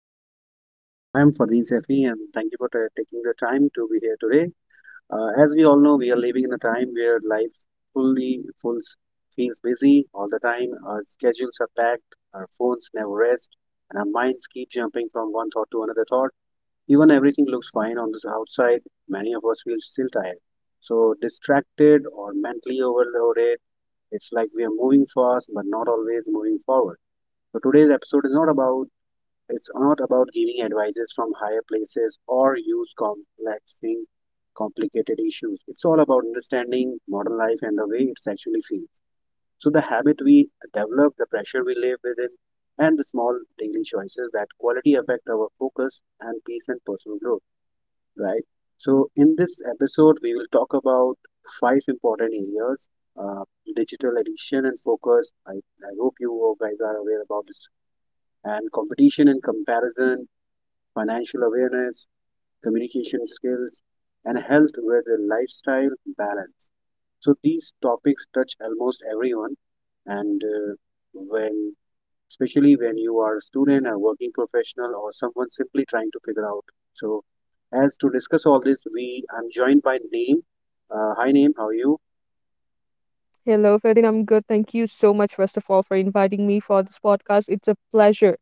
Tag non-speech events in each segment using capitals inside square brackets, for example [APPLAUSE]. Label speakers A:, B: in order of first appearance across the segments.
A: And I am Fardeen Sefi, and thank you for ta taking the time to be here today. As we all know, we are living in a time where life fully full feels busy all the time. Our schedules are packed, our phones never rest, and our minds keep jumping from one thought to another thought. Even everything looks fine on the outside, many of us feel still tired. So distracted or mentally overloaded, it's like we are moving fast but not always moving forward. So today's episode is not about it's not about giving advices from higher places or use complexing complicated issues. It's all about understanding modern life and the way it's actually feels. So the habit we develop, the pressure we live within, and the small daily choices that quality affect our focus and peace and personal growth. Right. So in this episode, we will talk about five important areas, uh, digital addiction and focus. I hope you guys are aware about this and competition and comparison, financial awareness, communication skills, and health with a lifestyle balance. So these topics touch almost everyone, and when especially when you are a student, a working professional, or someone simply trying to figure out. So as to discuss all this, we I'm joined by Naeem. Hi Naeem, how are you?
B: Hello, Ferdin. I'm good. Thank you so much, first of all, for inviting me for this podcast. It's a pleasure.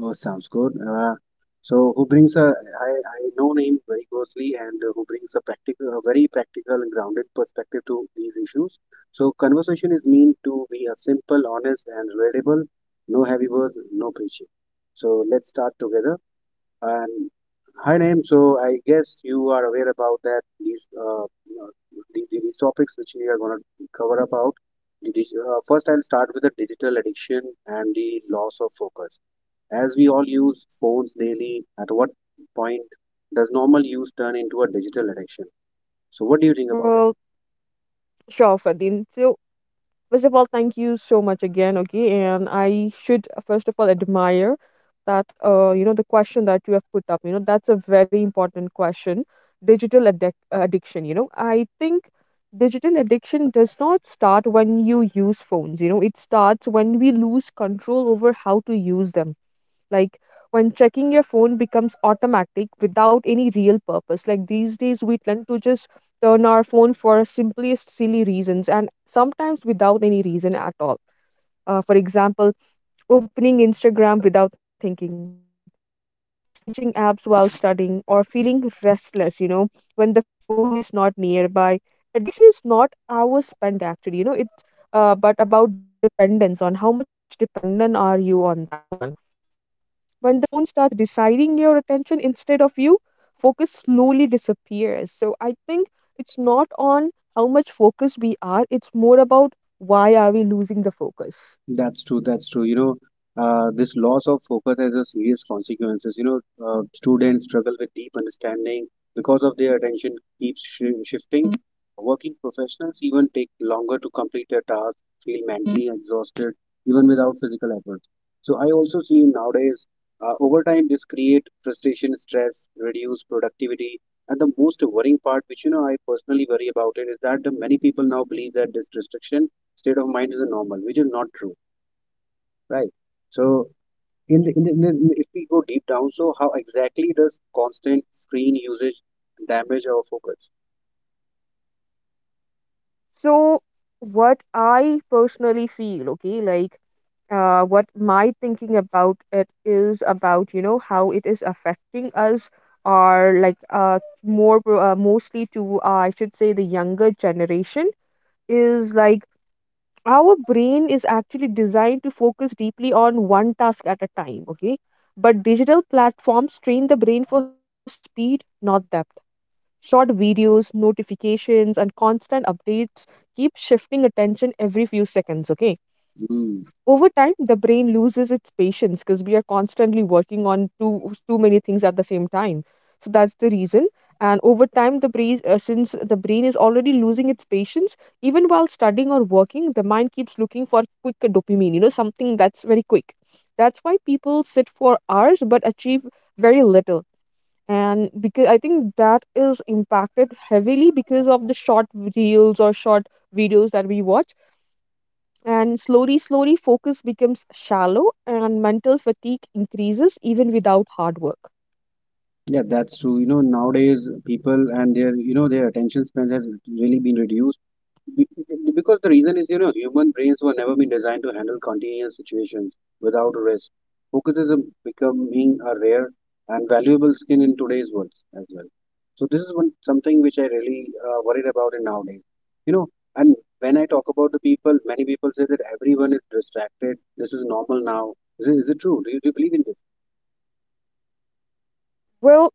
A: Oh, sounds good. So who brings a I know him very closely, and who brings a practical a very practical and grounded perspective to these issues. So conversation is meant to be a simple, honest and relatable, no heavy words, no preaching. So let's start together. And hi Naim, so I guess you are aware about that these topics which we are gonna cover about. First, I'll start with the digital addiction and the loss of focus. As we all use phones daily, at what point does normal use turn into a digital addiction? So, what do you think about it?
B: Well, sure, Ferdin. So, first of all, thank you so much again, okay? And I should, first of all, admire that, the question that you have put up, that's a very important question. Addiction, I think digital addiction does not start when you use phones, it starts when we lose control over how to use them. Like when checking your phone becomes automatic without any real purpose. Like these days, we tend to just turn our phone for simplest silly reasons and sometimes without any reason at all. For example, opening Instagram without thinking, switching apps while studying, or feeling restless, when the phone is not nearby. Addiction is not hours spent actually, it's but about dependence on how much dependent are you on that one. When the phone starts deciding your attention instead of you, focus slowly disappears. So I think it's not on how much focus we are, it's more about why are we losing the focus.
A: That's true. That's true. You know, this loss of focus has a serious consequences. You know, students struggle with deep understanding because of their attention keeps shifting. Working professionals even take longer to complete their tasks, feel mentally exhausted, even without physical effort. So I also see nowadays, over time, this create frustration, stress, reduce productivity, and the most worrying part, which you know I personally worry about it, is that the many people now believe that this restriction state of mind is a normal, which is not true. Right. So if we go deep down, so how exactly does constant screen usage damage our focus?
B: So what I personally feel, okay, what my thinking about it is about how it is affecting us, or more mostly to I should say the younger generation, is like our brain is actually designed to focus deeply on one task at a time, okay? But digital platforms train the brain for speed, not depth. Short videos, notifications and constant updates keep shifting attention every few seconds, okay?
A: Mm.
B: Over time, the brain loses its patience because we are constantly working on too many things at the same time. So that's the reason. And over time, the brain, since the brain is already losing its patience, even while studying or working, the mind keeps looking for quick dopamine. You know, something that's very quick. That's why people sit for hours but achieve very little. And because I think that is impacted heavily because of the short reels or short videos that we watch, and slowly, slowly, focus becomes shallow and mental fatigue increases even without hard work.
A: Yeah, that's true. You know, nowadays people and their, you know, their attention span has really been reduced. Be- Because the reason is, you know, human brains were never been designed to handle continuous situations without rest. Focus is a, becoming a rare and valuable skill in today's world as well. So this is one something which I really worried about in nowadays. You know, and when I talk about the people, many people say that everyone is distracted. This is normal now. Is it true? Do you believe in this?
B: Well,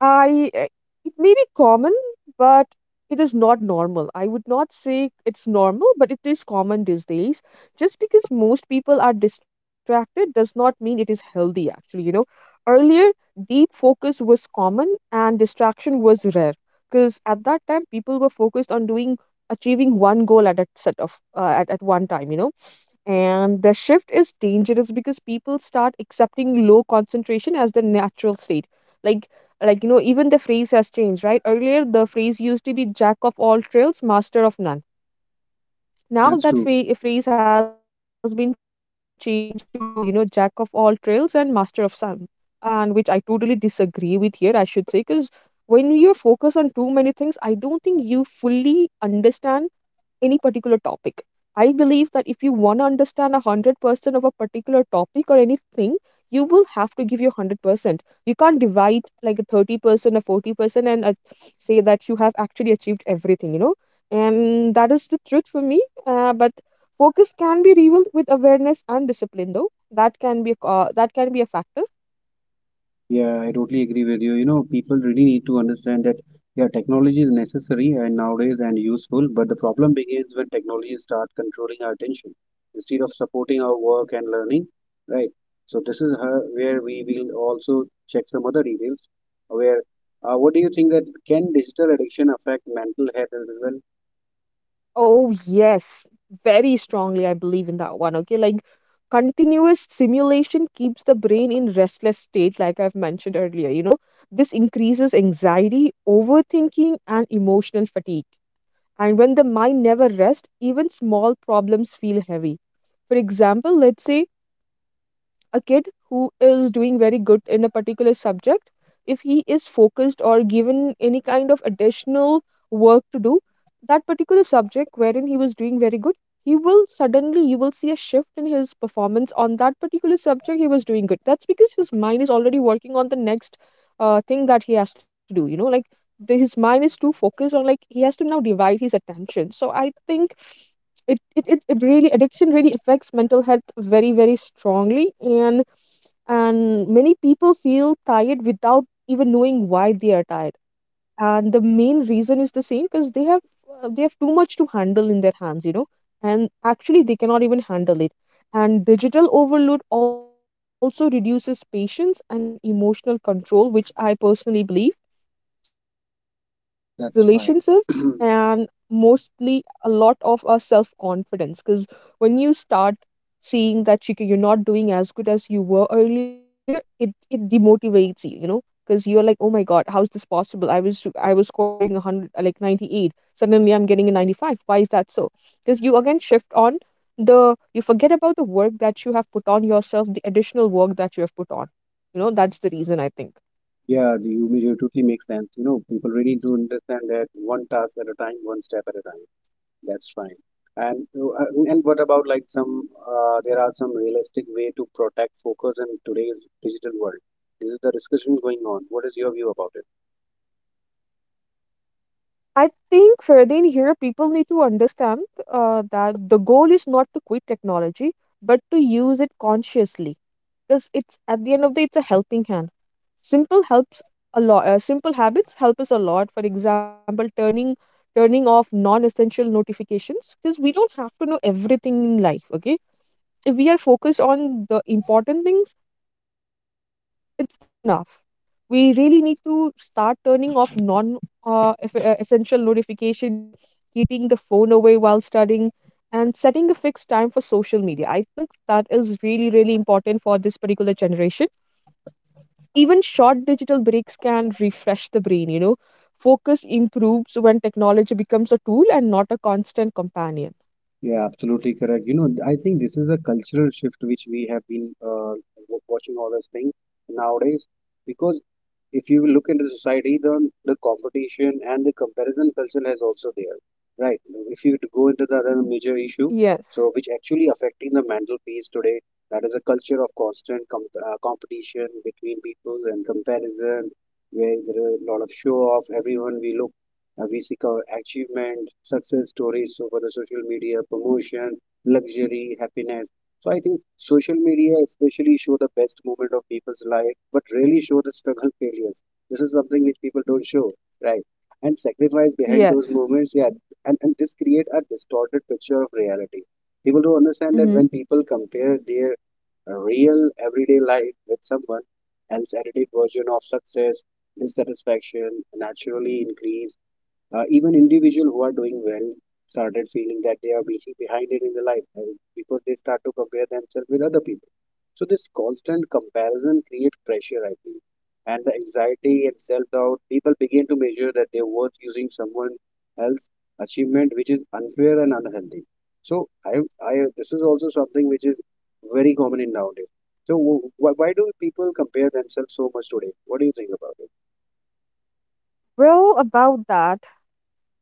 B: I, eh, it may be common, but it is not normal. I would not say it's normal, but it is common these days. Just because most people are distracted does not mean it is healthy, actually. You know, earlier, deep focus was common and distraction was rare, because at that time, people were focused on doing, achieving one goal at a set of at one time, you know. And the shift is dangerous because people start accepting low concentration as their natural state. Like like you know, even the phrase has changed, right? Earlier the phrase used to be jack of all trails, master of none. Now
A: That's
B: that
A: true.
B: phrase has been changed to, you know, jack of all trails and master of some. And which I totally disagree with here, I should say, because when you focus on too many things, I don't think you fully understand any particular topic. I believe that if you want to understand 100% of a particular topic or anything, you will have to give your 100%. You can't divide like a 30% or 40%, and say that you have actually achieved everything, you know. And that is the truth for me. But focus can be rebuilt with awareness and discipline, though. That can be that can be a factor.
A: Yeah, I totally agree with you. You know, people really need to understand that yeah, technology is necessary and nowadays and useful, but the problem begins when technology start controlling our attention instead of supporting our work and learning, right? So this is her, where we will also check some other details. Where, what do you think that can digital addiction affect mental health as well?
B: Oh, yes, very strongly. I believe in that one. Okay, like continuous stimulation keeps the brain in restless state, like I've mentioned earlier. You know, this increases anxiety, overthinking, and emotional fatigue. And when the mind never rests, even small problems feel heavy. For example, let's say a kid who is doing very good in a particular subject, if he is focused or given any kind of additional work to do, that particular subject wherein he was doing very good, he will suddenly, you will see a shift in his performance on that particular subject he was doing good. That's because his mind is already working on the next thing that he has to do, you know, like his mind is too focused on, like he has to now divide his attention. So I think it really addiction really affects mental health very very strongly, and many people feel tired without even knowing why they are tired, and the main reason is the same because they have too much to handle in their hands, you know, and actually they cannot even handle it. And digital overload also reduces patience and emotional control, which I personally believe which affects
A: That's fine.
B: relationship,
A: [CLEARS THROAT]
B: and mostly a lot of our self confidence, because when you start seeing that you're not doing as good as you were earlier, it demotivates you, you know, because you're like, oh my god, how's this possible? I was scoring 100, like 98, suddenly I'm getting a 95. Why is that so? Because you again shift on the, you forget about the work that you have put on yourself, the additional work that you have put on, you know. That's the reason, I think.
A: Yeah, the you totally makes sense. You know, people really do understand that one task at a time, one step at a time. That's fine. And what about like some there are some realistic way to protect focus in today's digital world. This is the discussion going on. What is your view about it?
B: I think, Ferdin, here people need to understand that the goal is not to quit technology but to use it consciously, because it's, at the end of the day, it's a helping hand. Simple helps a lot. Simple habits help us a lot. For example, turning off non-essential notifications, because we don't have to know everything in life. Okay, if we are focused on the important things, it's that's enough. We really need to start turning off non essential notifications, keeping the phone away while studying, and setting a fixed time for social media. I think that is really, really important for this particular generation. Even short digital breaks can refresh the brain, you know. Focus improves when technology becomes a tool and not a constant companion.
A: Yeah, absolutely correct. You know, I think this is a cultural shift which we have been watching all those things nowadays because if you look into the society, then the competition and the comparison culture is also there, right? If you go into the other major issue,
B: Yes.
A: so which actually affecting the mental peace today, that is a culture of constant competition between people and comparison, where there are a lot of show off. Everyone we look, we seek our achievement, success stories over the social media, promotion, luxury, happiness. So I think social media especially show the best moment of people's life, but rarely show the struggle failures. This is something which people don't show, right? And sacrifice behind those moments,
B: Yes.
A: yeah. And this create a distorted picture of reality. People don't understand that when people
B: Mm-hmm.
A: compare their real everyday life with someone else's edited version of success, dissatisfaction naturally increase. Even individuals who are doing well started feeling that they are being behind it in the life I because they start to compare themselves with other people. So this constant comparison creates pressure, I think, and the anxiety and self-doubt. People begin to measure that their worth using someone else's achievement, which is unfair and unhealthy. So I this is also something which is very common in nowadays. So why do people compare themselves so much today? What do you think about
B: Well, about that,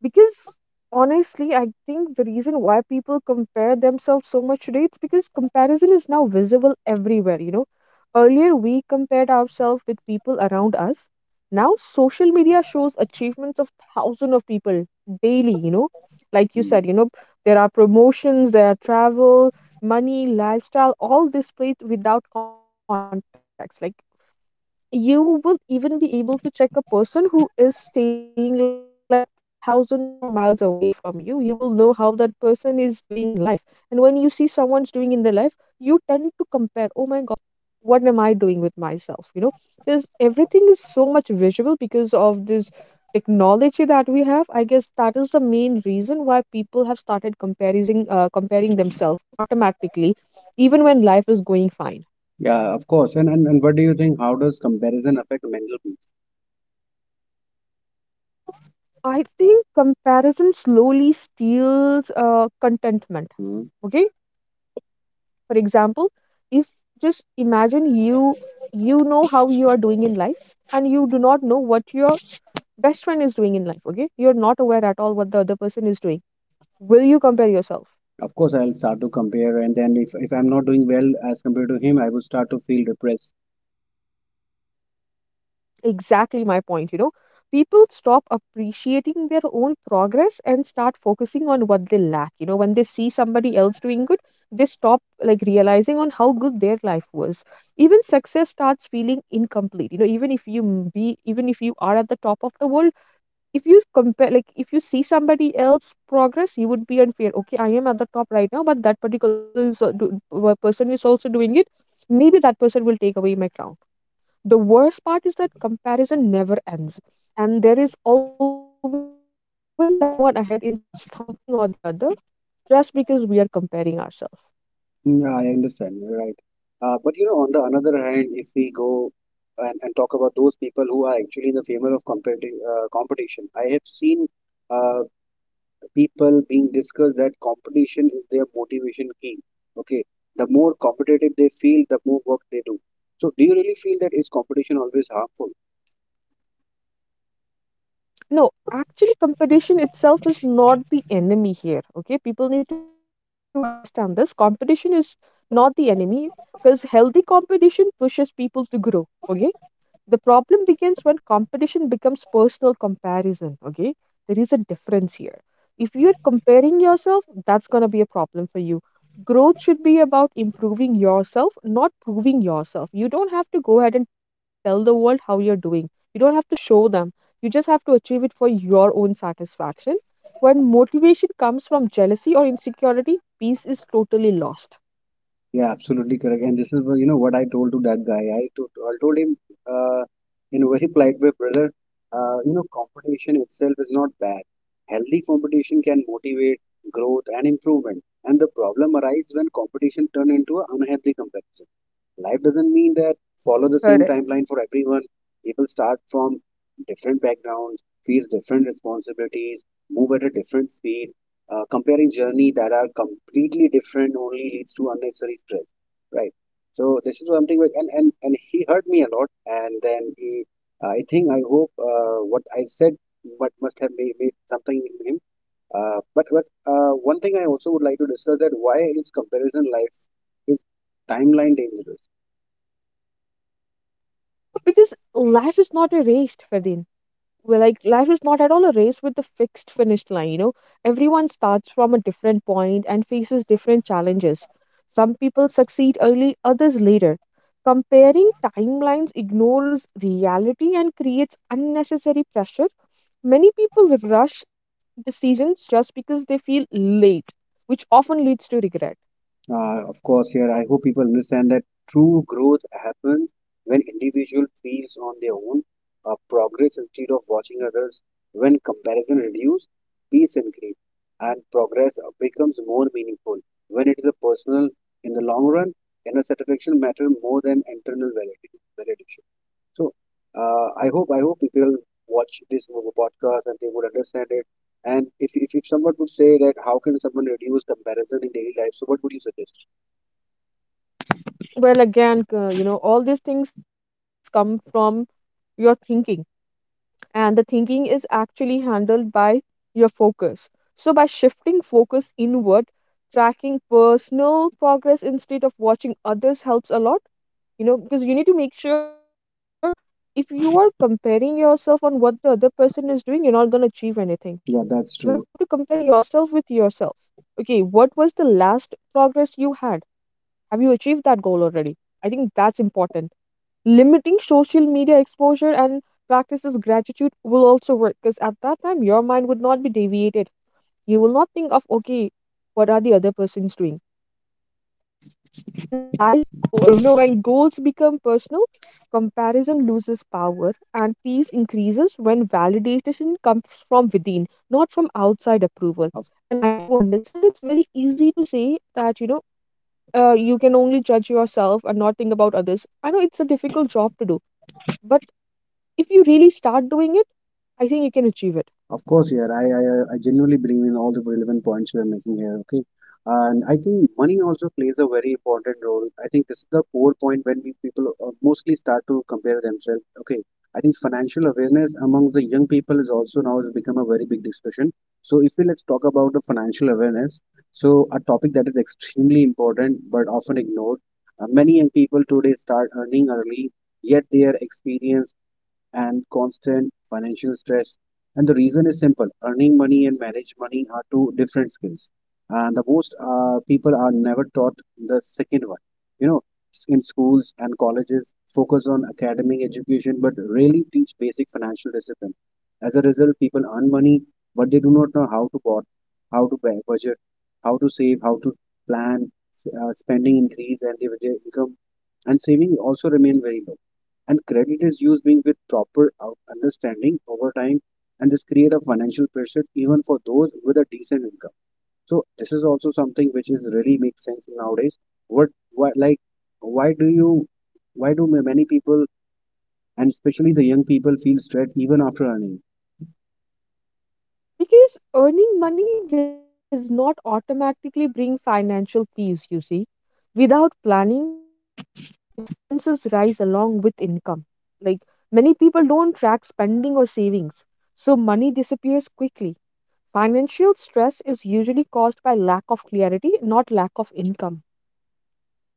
B: because honestly, I think the reason why people compare themselves so much today, it's because comparison is now visible everywhere, you know. Earlier we compared ourselves with people around us. Now social media shows achievements of thousands of people daily, you know. Like you
A: it?
B: said, you know, there are promotions, there are travel, money, lifestyle, all displayed without context. Like you will even be able to check a person who is staying like thousand or miles away from you, you will know how that person is doing in life. And when you see someone's doing in their life, you tend to compare, oh my god, what am I doing with myself? You know, because everything is so much visual because of this technology that we have, I guess that is the main reason why people have started comparing themselves automatically even when life is going fine.
A: Yeah, of course. And and what do you think? How does comparison affect mental peace?
B: I think comparison slowly steals contentment.
A: Hmm.
B: Okay, for example, if, just imagine you, you know how you are doing in life, and you do not know what your best friend is doing in life. Okay, you are not aware at all what the other person is doing. Will you compare yourself?
A: Of course, I'll start to compare, and then if I'm not doing well as compared to him, I will start to feel depressed.
B: Exactly my point, you know. People stop appreciating their own progress and start focusing on what they lack. You know, when they see somebody else doing good, they stop like realizing on how good their life was. Even success starts feeling incomplete. You know, even if you are at the top of the world, if you compare, like if you see somebody else progress, you would be unfair. Okay, I am at the top right now, but that person is also doing it. Maybe that person will take away my crown. The worst part is that comparison never ends, and there is always someone ahead in something or the other, just because we are comparing ourselves.
A: Mm, I understand, you're right. But you know, on the another hand, if we go and talk about those people who are actually in the favor of competition, I have seen uh, people being discussed that competition is their motivation key. Okay, the more competitive they feel, the more work they do. So, do you really feel that is competition always harmful?
B: No, actually, competition itself is not the enemy here. Okay, people need to understand this. Competition is not the enemy because healthy competition pushes people to grow. Okay, the problem begins when competition becomes personal comparison. Okay, there is a difference here. If you're comparing yourself, that's going to be a problem for you. Growth should be about improving yourself, not proving yourself. You don't have to go ahead and tell the world how you're doing, you don't have to show them. You just have to achieve it for your own satisfaction. When motivation comes from jealousy or insecurity, peace is totally lost.
A: Yeah, absolutely correct. And this is what, you know what I told to that guy. I told him uh, in a very [LAUGHS] polite way, brother. You know, competition itself is not bad. Healthy competition can motivate growth and improvement. And the problem arises when competition turn into an unhealthy competition life doesn't mean that follow the same
B: Correct.
A: timeline for everyone. People start from different backgrounds, face different responsibilities, move at a different speed. Comparing journey that are completely different only leads to unnecessary stress, right? So this is something which and he hurt me a lot, and then he, I think I hope what I said but must have made something in him. But One thing I also would like to discuss that why is comparison life is timeline dangerous?
B: Because life is not a race, Ferdin. Well, like, life is not at all a race with a fixed finish line, you know. Everyone starts from a different point and faces different challenges. Some people succeed early, others later. Comparing timelines ignores reality and creates unnecessary pressure. Many people rush decisions just because they feel late, which often leads to regret.
A: Of course, here I hope people understand that true growth happens when individual feels on their own progress instead of watching others. When comparison reduces, peace increases, and progress becomes more meaningful. When it is a personal, in the long run, inner satisfaction matters more than internal validation. So, I hope people watch this podcast and they would understand it. And if someone would say that how can someone reduce comparison in daily life, so what would you suggest?
B: Well, again, you know, all these things come from your thinking, and the thinking is actually handled by your focus. So, by shifting focus inward, tracking personal progress instead of watching others helps a lot, you know, because you need to make sure if you are comparing yourself on what the other person is doing, you're not going to achieve anything.
A: Yeah,
B: You have
A: that's
B: to
A: true.
B: compare yourself with yourself. Okay, what was the last progress you had? Have you achieved that goal already? I think that's important. Limiting social media exposure and practices gratitude will also work because at that time your mind would not be deviated. You will not think of okay, what are the other persons doing? When life go, you know, when goals become personal, comparison loses power and peace increases when validation comes from within, not from outside approval.
A: Of
B: And I do understand it's very easy to say that, you know, you can only judge yourself and not think about others. I know it's a difficult job to do, but if you really start doing it, I think you can achieve it.
A: of course, yeah. I genuinely believe in all the relevant points you are making here. Okay, and I think money also plays a very important role. I think this is the core point when we people mostly start to compare themselves. Okay, I think financial awareness amongst the young people is also now has become a very big discussion. So if we let's talk about the financial awareness, so a topic that is extremely important but often ignored. Many young people today start earning early, yet their experience and constant financial stress. And the reason is simple earning money and manage money are two different skills. And the most people are never taught the second one. You know, in schools and colleges, focus on academic education but rarely teach basic financial discipline. As a result, people earn money but they do not know how to bot, how to budget, how to save, how to plan, spending increase, and their income and saving also remain very low, and credit is used being with proper understanding over time, and this create a financial pressure even for those with a decent income. So this is also something which is really makes sense nowadays. What why, like, why do you, why do many people, and especially the young people, feel stressed even after earning?
B: Because earning money does not automatically bring financial peace, you see. Without planning, expenses rise along with income. Like, many people don't track spending or savings, so money disappears quickly. Financial stress is usually caused by lack of clarity, not lack of income.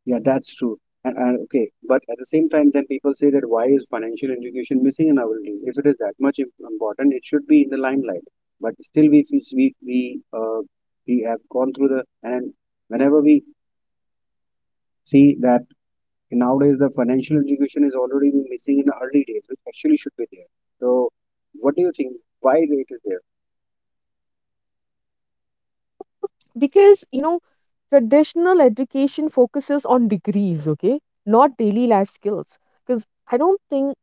A: Yeah, that's true. And okay, but at the same time, then people say that why is financial education missing in our days? If it is that much important, it should be in the limelight. But still, we have gone through the and whenever we see that nowadays the financial education is already missing in the early days, which actually should be there. So, what do you think? Why it is there?
B: Because, you know, traditional education focuses on degrees, okay, not daily life skills. Because I don't think,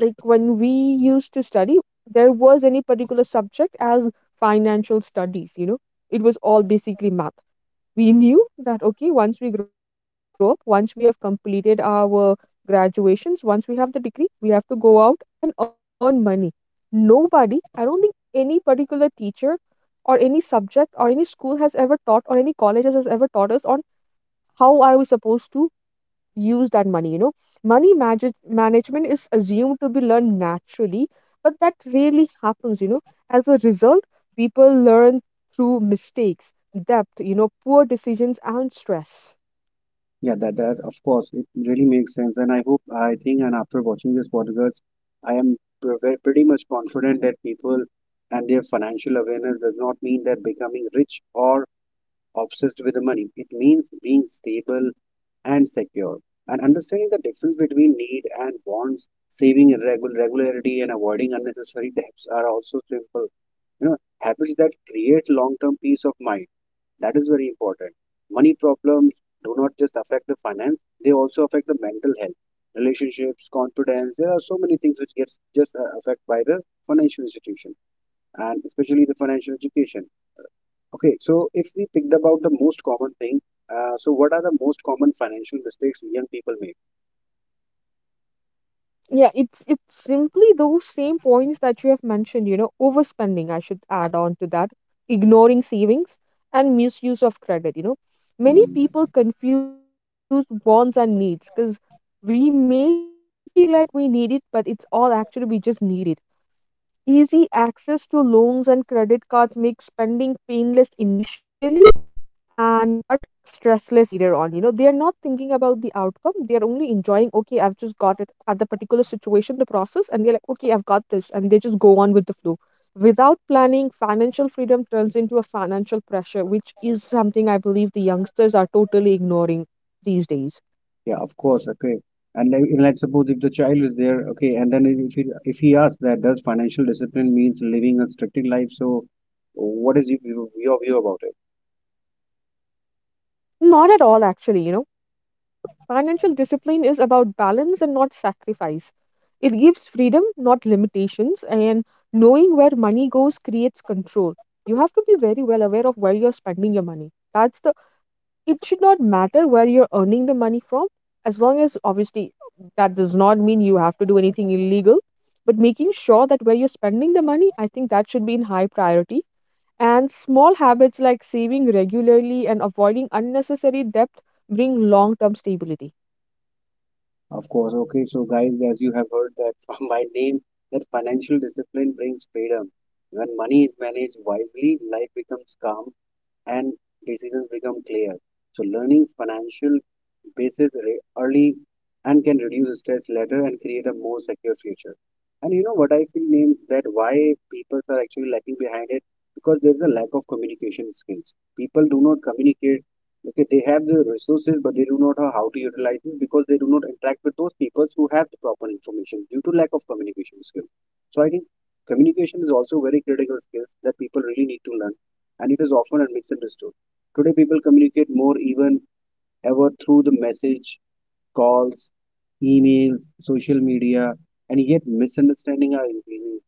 B: like, when we used to study there was any particular subject as financial studies, you know. It was all basically math. We knew that okay, once we grow up, once we have completed our graduations, once we have the degree, we have to go out and earn money. Nobody, I don't think any particular teacher or any subject or any school has ever taught, or any colleges has ever taught us on how are we supposed to use that money, you know. Money manage management is assumed to be learned naturally, but that rarely happens, you know. As a result, people learn through mistakes, debt, you know, poor decisions and stress.
A: Yeah, that that of course it really makes sense, and I hope I think and after watching this podcast, I am pretty much confident that people and their financial awareness does not mean that becoming rich or obsessed with the money. It means being stable and secure, and understanding the difference between need and wants, saving irregular regularity, and avoiding unnecessary [LAUGHS] debts are also simple, you know, habits that create long-term peace of mind. That is very important. Money problems do not just affect the finance, they also affect the mental health, relationships, confidence. There are so many things which gets just affect by the financial institution and especially the financial education. Okay, so if we picked about the most common thing, so what are the most common financial mistakes young people
B: Yeah, it's simply those same points that you have mentioned, you know, overspending. I should add on to that ignoring savings and misuse of credit, you know.
A: make?
B: Many people confuse wants and needs because we may feel like we need it, but it's all actually we just need it. Easy access to loans and credit cards makes spending painless initially and but stressless later on. You know, they are not thinking about the outcome. They are only enjoying, okay, I've just got it at the particular situation, the process, and they're like, okay, I've got this, and they just go on with the flow. Without planning, financial freedom turns into a financial pressure, which is something I believe the youngsters are totally ignoring these days.
A: Yeah, of course. Okay. And like, let's suppose if the child is there, okay, and then if he asks that, does financial discipline means living a structured life? So, what is your view about it?
B: Not at all, actually, you know. Financial discipline is about balance and not sacrifice. It gives freedom, not limitations, and knowing where money goes creates control. You have to be very well aware of where you're spending your money. That's the it should not matter where you're earning the money from, as long as obviously that does not mean you have to do anything illegal, but making sure that where you're spending the money, I think that should be in high priority. And small habits like saving regularly and avoiding unnecessary debt bring long term stability.
A: Of course. Okay. So, guys, as you have heard that [LAUGHS] from my name, that financial discipline brings freedom. When money is managed wisely, life becomes calm and decisions become clear. So learning financial basis early and can reduce stress later and create a more secure future. And you know what I feel name that why people are actually lacking behind it because there is a lack of communication skills. People do not communicate. Okay, they have the resources, but they do not know how to utilize it because they do not interact with those people who have the proper information due to lack of communication skills. So I think communication is also very critical skills that people really need to learn, and it is often misunderstood. Today, people communicate more even ever through the message, calls, emails, social media, and yet misunderstanding are increasing.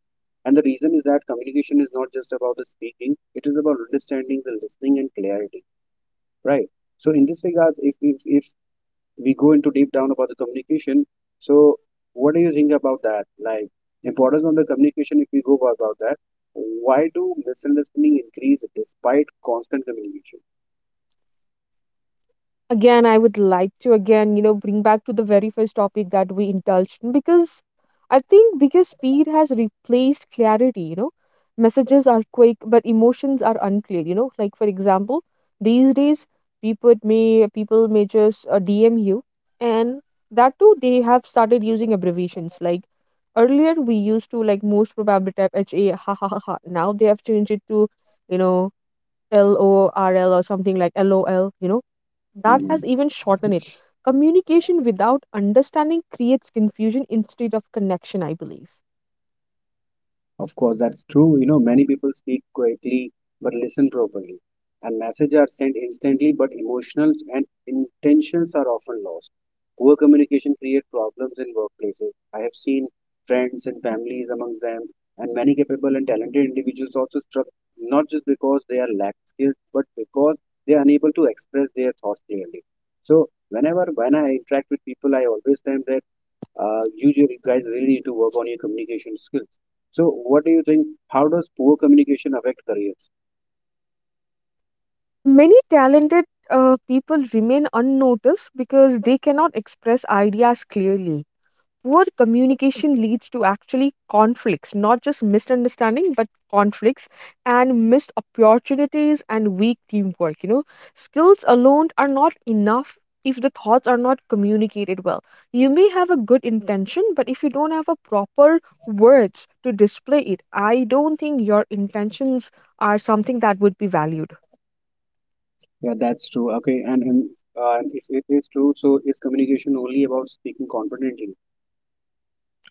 A: And the reason is that communication is not just about the speaking; it is about understanding, the listening, and clarity. Right. So, in this regards, if we go into deep down about the communication, so what do you think about that? Like importance on the communication. If we go about that, why do misunderstanding increase despite constant communication?
B: Again, I would like to again, you know, bring back to the very first topic that we indulged in, because I think because speed has replaced clarity, you know. Messages are quick but emotions are unclear, you know. Like, for example, these days, people may just DM you, and that too, they have started using abbreviations. Like earlier we used to, like, most probably type H A [LAUGHS] ha ha ha ha, now they have changed it to, you know, LORL, or something like lol, you know, that has
A: Mhm.
B: even shortened it. Communication without understanding creates confusion instead of connection, I believe.
A: Of course, that's true. You know, many people speak quietly but listen properly. And messages are sent instantly, but emotions and intentions are often lost. Poor communication creates problems in workplaces. I have seen friends and families among them, and many capable and talented individuals also struck not just because they are lack skills, but because they are unable to express their thoughts clearly. So whenever when I interact with people, I always tell them, usually, you guys really need to work on your communication skills. So what do you think, how does poor communication affect careers?
B: Many talented people remain unnoticed because they cannot express ideas clearly. Poor communication leads to actually conflicts, not just misunderstanding, but conflicts and missed opportunities and weak teamwork. You know, skills alone are not enough if the thoughts are not communicated well. You may have a good intention, but if you don't have a proper words to display it, I don't think your intentions are something that would be valued.
A: Yeah, that's true. Okay, and and if it is true, so is communication only about speaking confidently?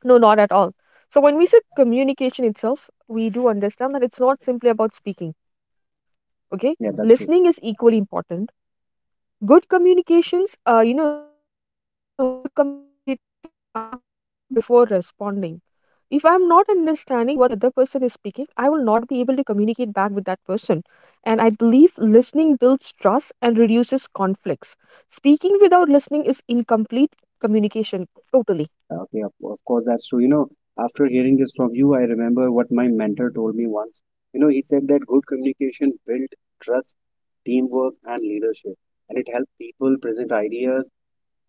B: No, not at all. So when we say communication itself, we do understand that it's not simply about speaking. Okay, listening
A: Yeah,
B: is
A: that's true.
B: equally important. Good communications, you know, good communicators understand before responding. If I'm not understanding what the other person is speaking, I will not be able to communicate back with that person. And I believe listening builds trust and reduces conflicts. Speaking without listening is incomplete communication totally.
A: Okay, of course that's true. You know, after hearing this from you, I remember what my mentor told me once. You know, he said that good communication built trust, teamwork, and leadership, and it helped people present ideas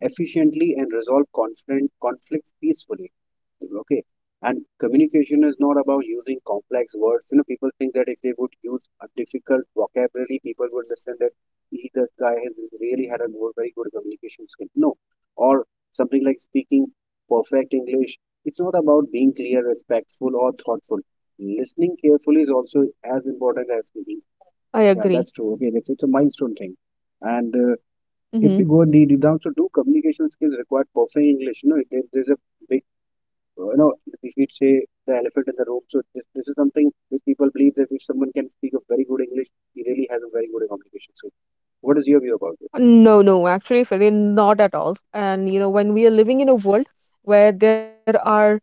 A: efficiently and resolve conflicts peacefully. Okay. And communication is not about using complex words. You know, people think that if they would use a difficult vocabulary, people would understand that he, this guy has really had a very good communication skill. No. Or something like speaking perfect English. It's not about being clear, respectful, or thoughtful. Listening carefully is also as important as
B: I
A: speaking.
B: agree.
A: Yeah, that's true. Okay, it's a milestone thing. And
B: Hmm.
A: if we go deep down, so do communication skills require perfect English? No, there's a big so, you know, we should say the elephant in the room. So this is something which people believe that if someone can speak a very good English, he really has a very good communication skill. What is your view about this?
B: No, actually Farin, not at all. And you know, when we are living in a world where there are,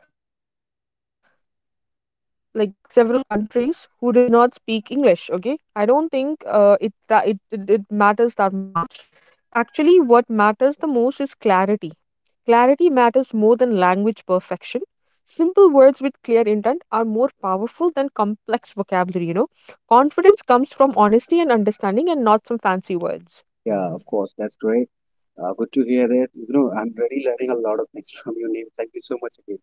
B: like, several countries who does not speak English, okay, I don't think it matters that much. Actually what matters the most is clarity. Clarity matters more than language perfection. Simple words with clear intent are more powerful than complex vocabulary, you know. Confidence comes from honesty and understanding and not some fancy
A: Yeah,
B: words.
A: of course, that's great. Good to hear that. You know, I'm really learning a lot of things [LAUGHS] from your name. Thank you so much again.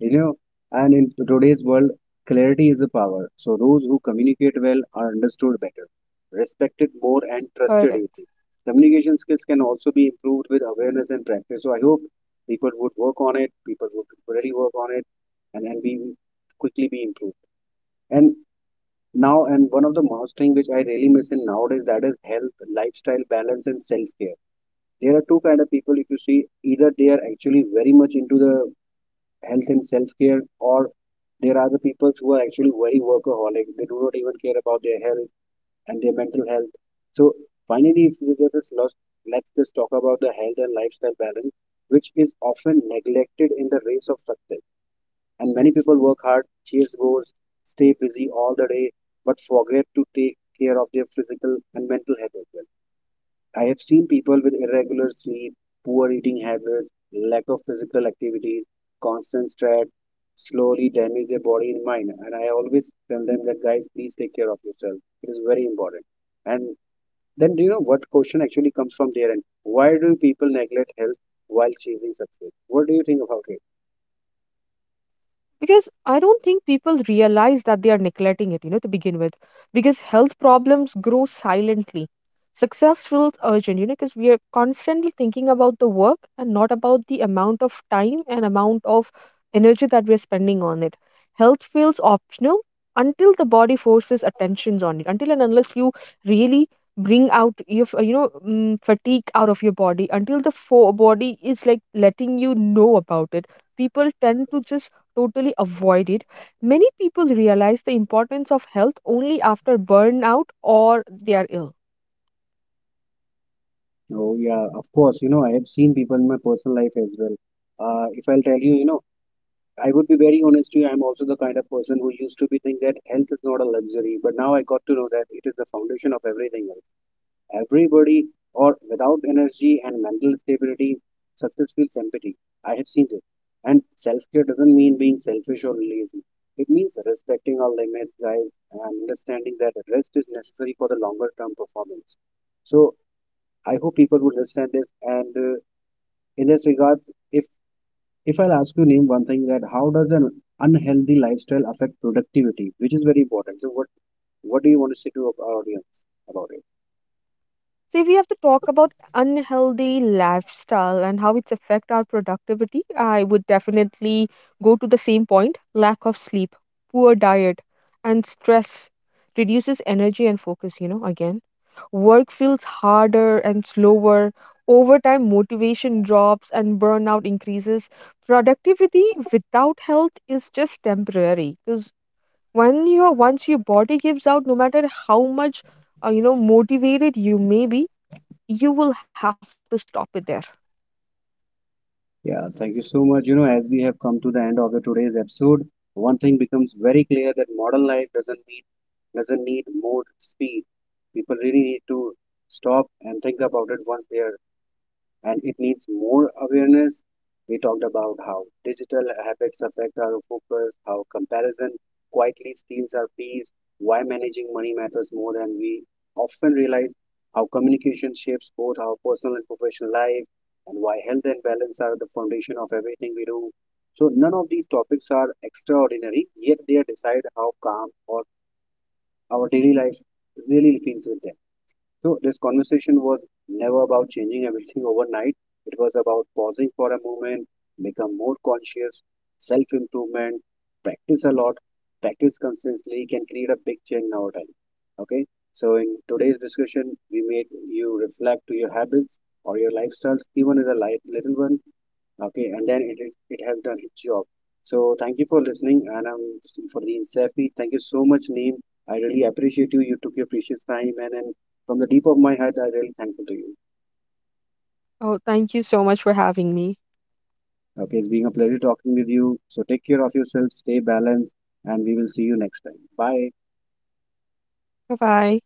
A: You know, and in today's world, clarity is a power. So those who communicate well are understood better, respected more, and trusted easily.
B: Correct.
A: Communication skills can also be improved with awareness and practice. So I hope people would work on it. People would really work on it, and then be quickly be improved. And now, and one of the most thing which I really miss in nowadays that is health, lifestyle balance, and self care. There are two kind of people. If you see, either they are actually very much into the health and self-care, or there are the people who are actually very workaholic. They do not even care about their health and their mental health. So finally, if we get this lost, let's just talk about the health and lifestyle balance, which is often neglected in the race of success. And many people work hard, chase goals, stay busy all the day, but forget to take care of their physical and mental health as well. I have seen people with irregular sleep, poor eating habits, lack of physical activity, constant stress slowly damage their body and mind. And I always tell them that, guys, please take care of yourself. It is very important. And then, do you know what question actually comes from their end? Why do people neglect health while chasing success? What do you think about it?
B: Because I don't think people realize that they are neglecting it, you know, to begin with, because health problems grow silently. Success feels urgent, you know, because we are constantly thinking about the work and not about the amount of time and amount of energy that we are spending on it. Health feels optional until the body forces attentions on it, until and unless you really bring out your you know, fatigue out of your body, until the body is like letting you know about it, people tend to just totally avoided. Many people realize the importance of health only after burnout or they are ill.
A: Oh, yeah, of course. You know, I have seen people in my personal life as well. If I'll tell you, you know, I would be very honest to you, I'm also the kind of person who used to be think that health is not a luxury, but now I got to know that it is the foundation of everything else. Everybody or without energy and mental stability, success feels empty. I have seen this. And self care doesn't mean being selfish or lazy. It means respecting our limits, guys, and understanding that rest is necessary for the longer term performance. So I hope people would understand this. And in this regards, if if I'll ask you name one thing that how does an unhealthy lifestyle affect productivity, which is very important. So what do you want to say to our audience about it?
B: So if we have to talk about unhealthy lifestyle and how it's affect our productivity, I would definitely go to the same point. Lack of sleep, poor diet, and stress reduces energy and focus, you know, again. Work feels harder and slower. Over time, motivation drops and burnout increases. Productivity without health is just temporary because when your once your body gives out, no matter how much you know, motivated you may be, you will have to stop it there.
A: Yeah, thank you so much. You know, as we have come to the end of the today's episode, one thing becomes very clear that modern life doesn't need more speed. People really need to stop and think about it once they are, and it needs more awareness. We talked about how digital habits affect our focus, how comparison quietly steals our peace, why managing money matters more than we often realize, how communication shapes both our personal and professional life, and why health and balance are the foundation of everything we do. So, none of these topics are extraordinary, yet they decide how calm or our daily life really feels with them. So, this conversation was never about changing everything overnight. It was about pausing for a moment, become more conscious, self improvement, practice a lot, practice consistently can create a big change in our time. Okay, so in today's discussion, we made you reflect to your habits or your lifestyles, even as a light, little one, okay, and then it has done its job. So thank you for listening, and for the insight, thank you so much neem. I really appreciate you. You took your precious time, and from the deep of my heart I'm really thankful to you.
B: Oh, thank you so much for having me.
A: Okay, it's been a pleasure talking with you. So take care of yourself, stay balanced, and we will see you next time. Bye.
B: Bye bye.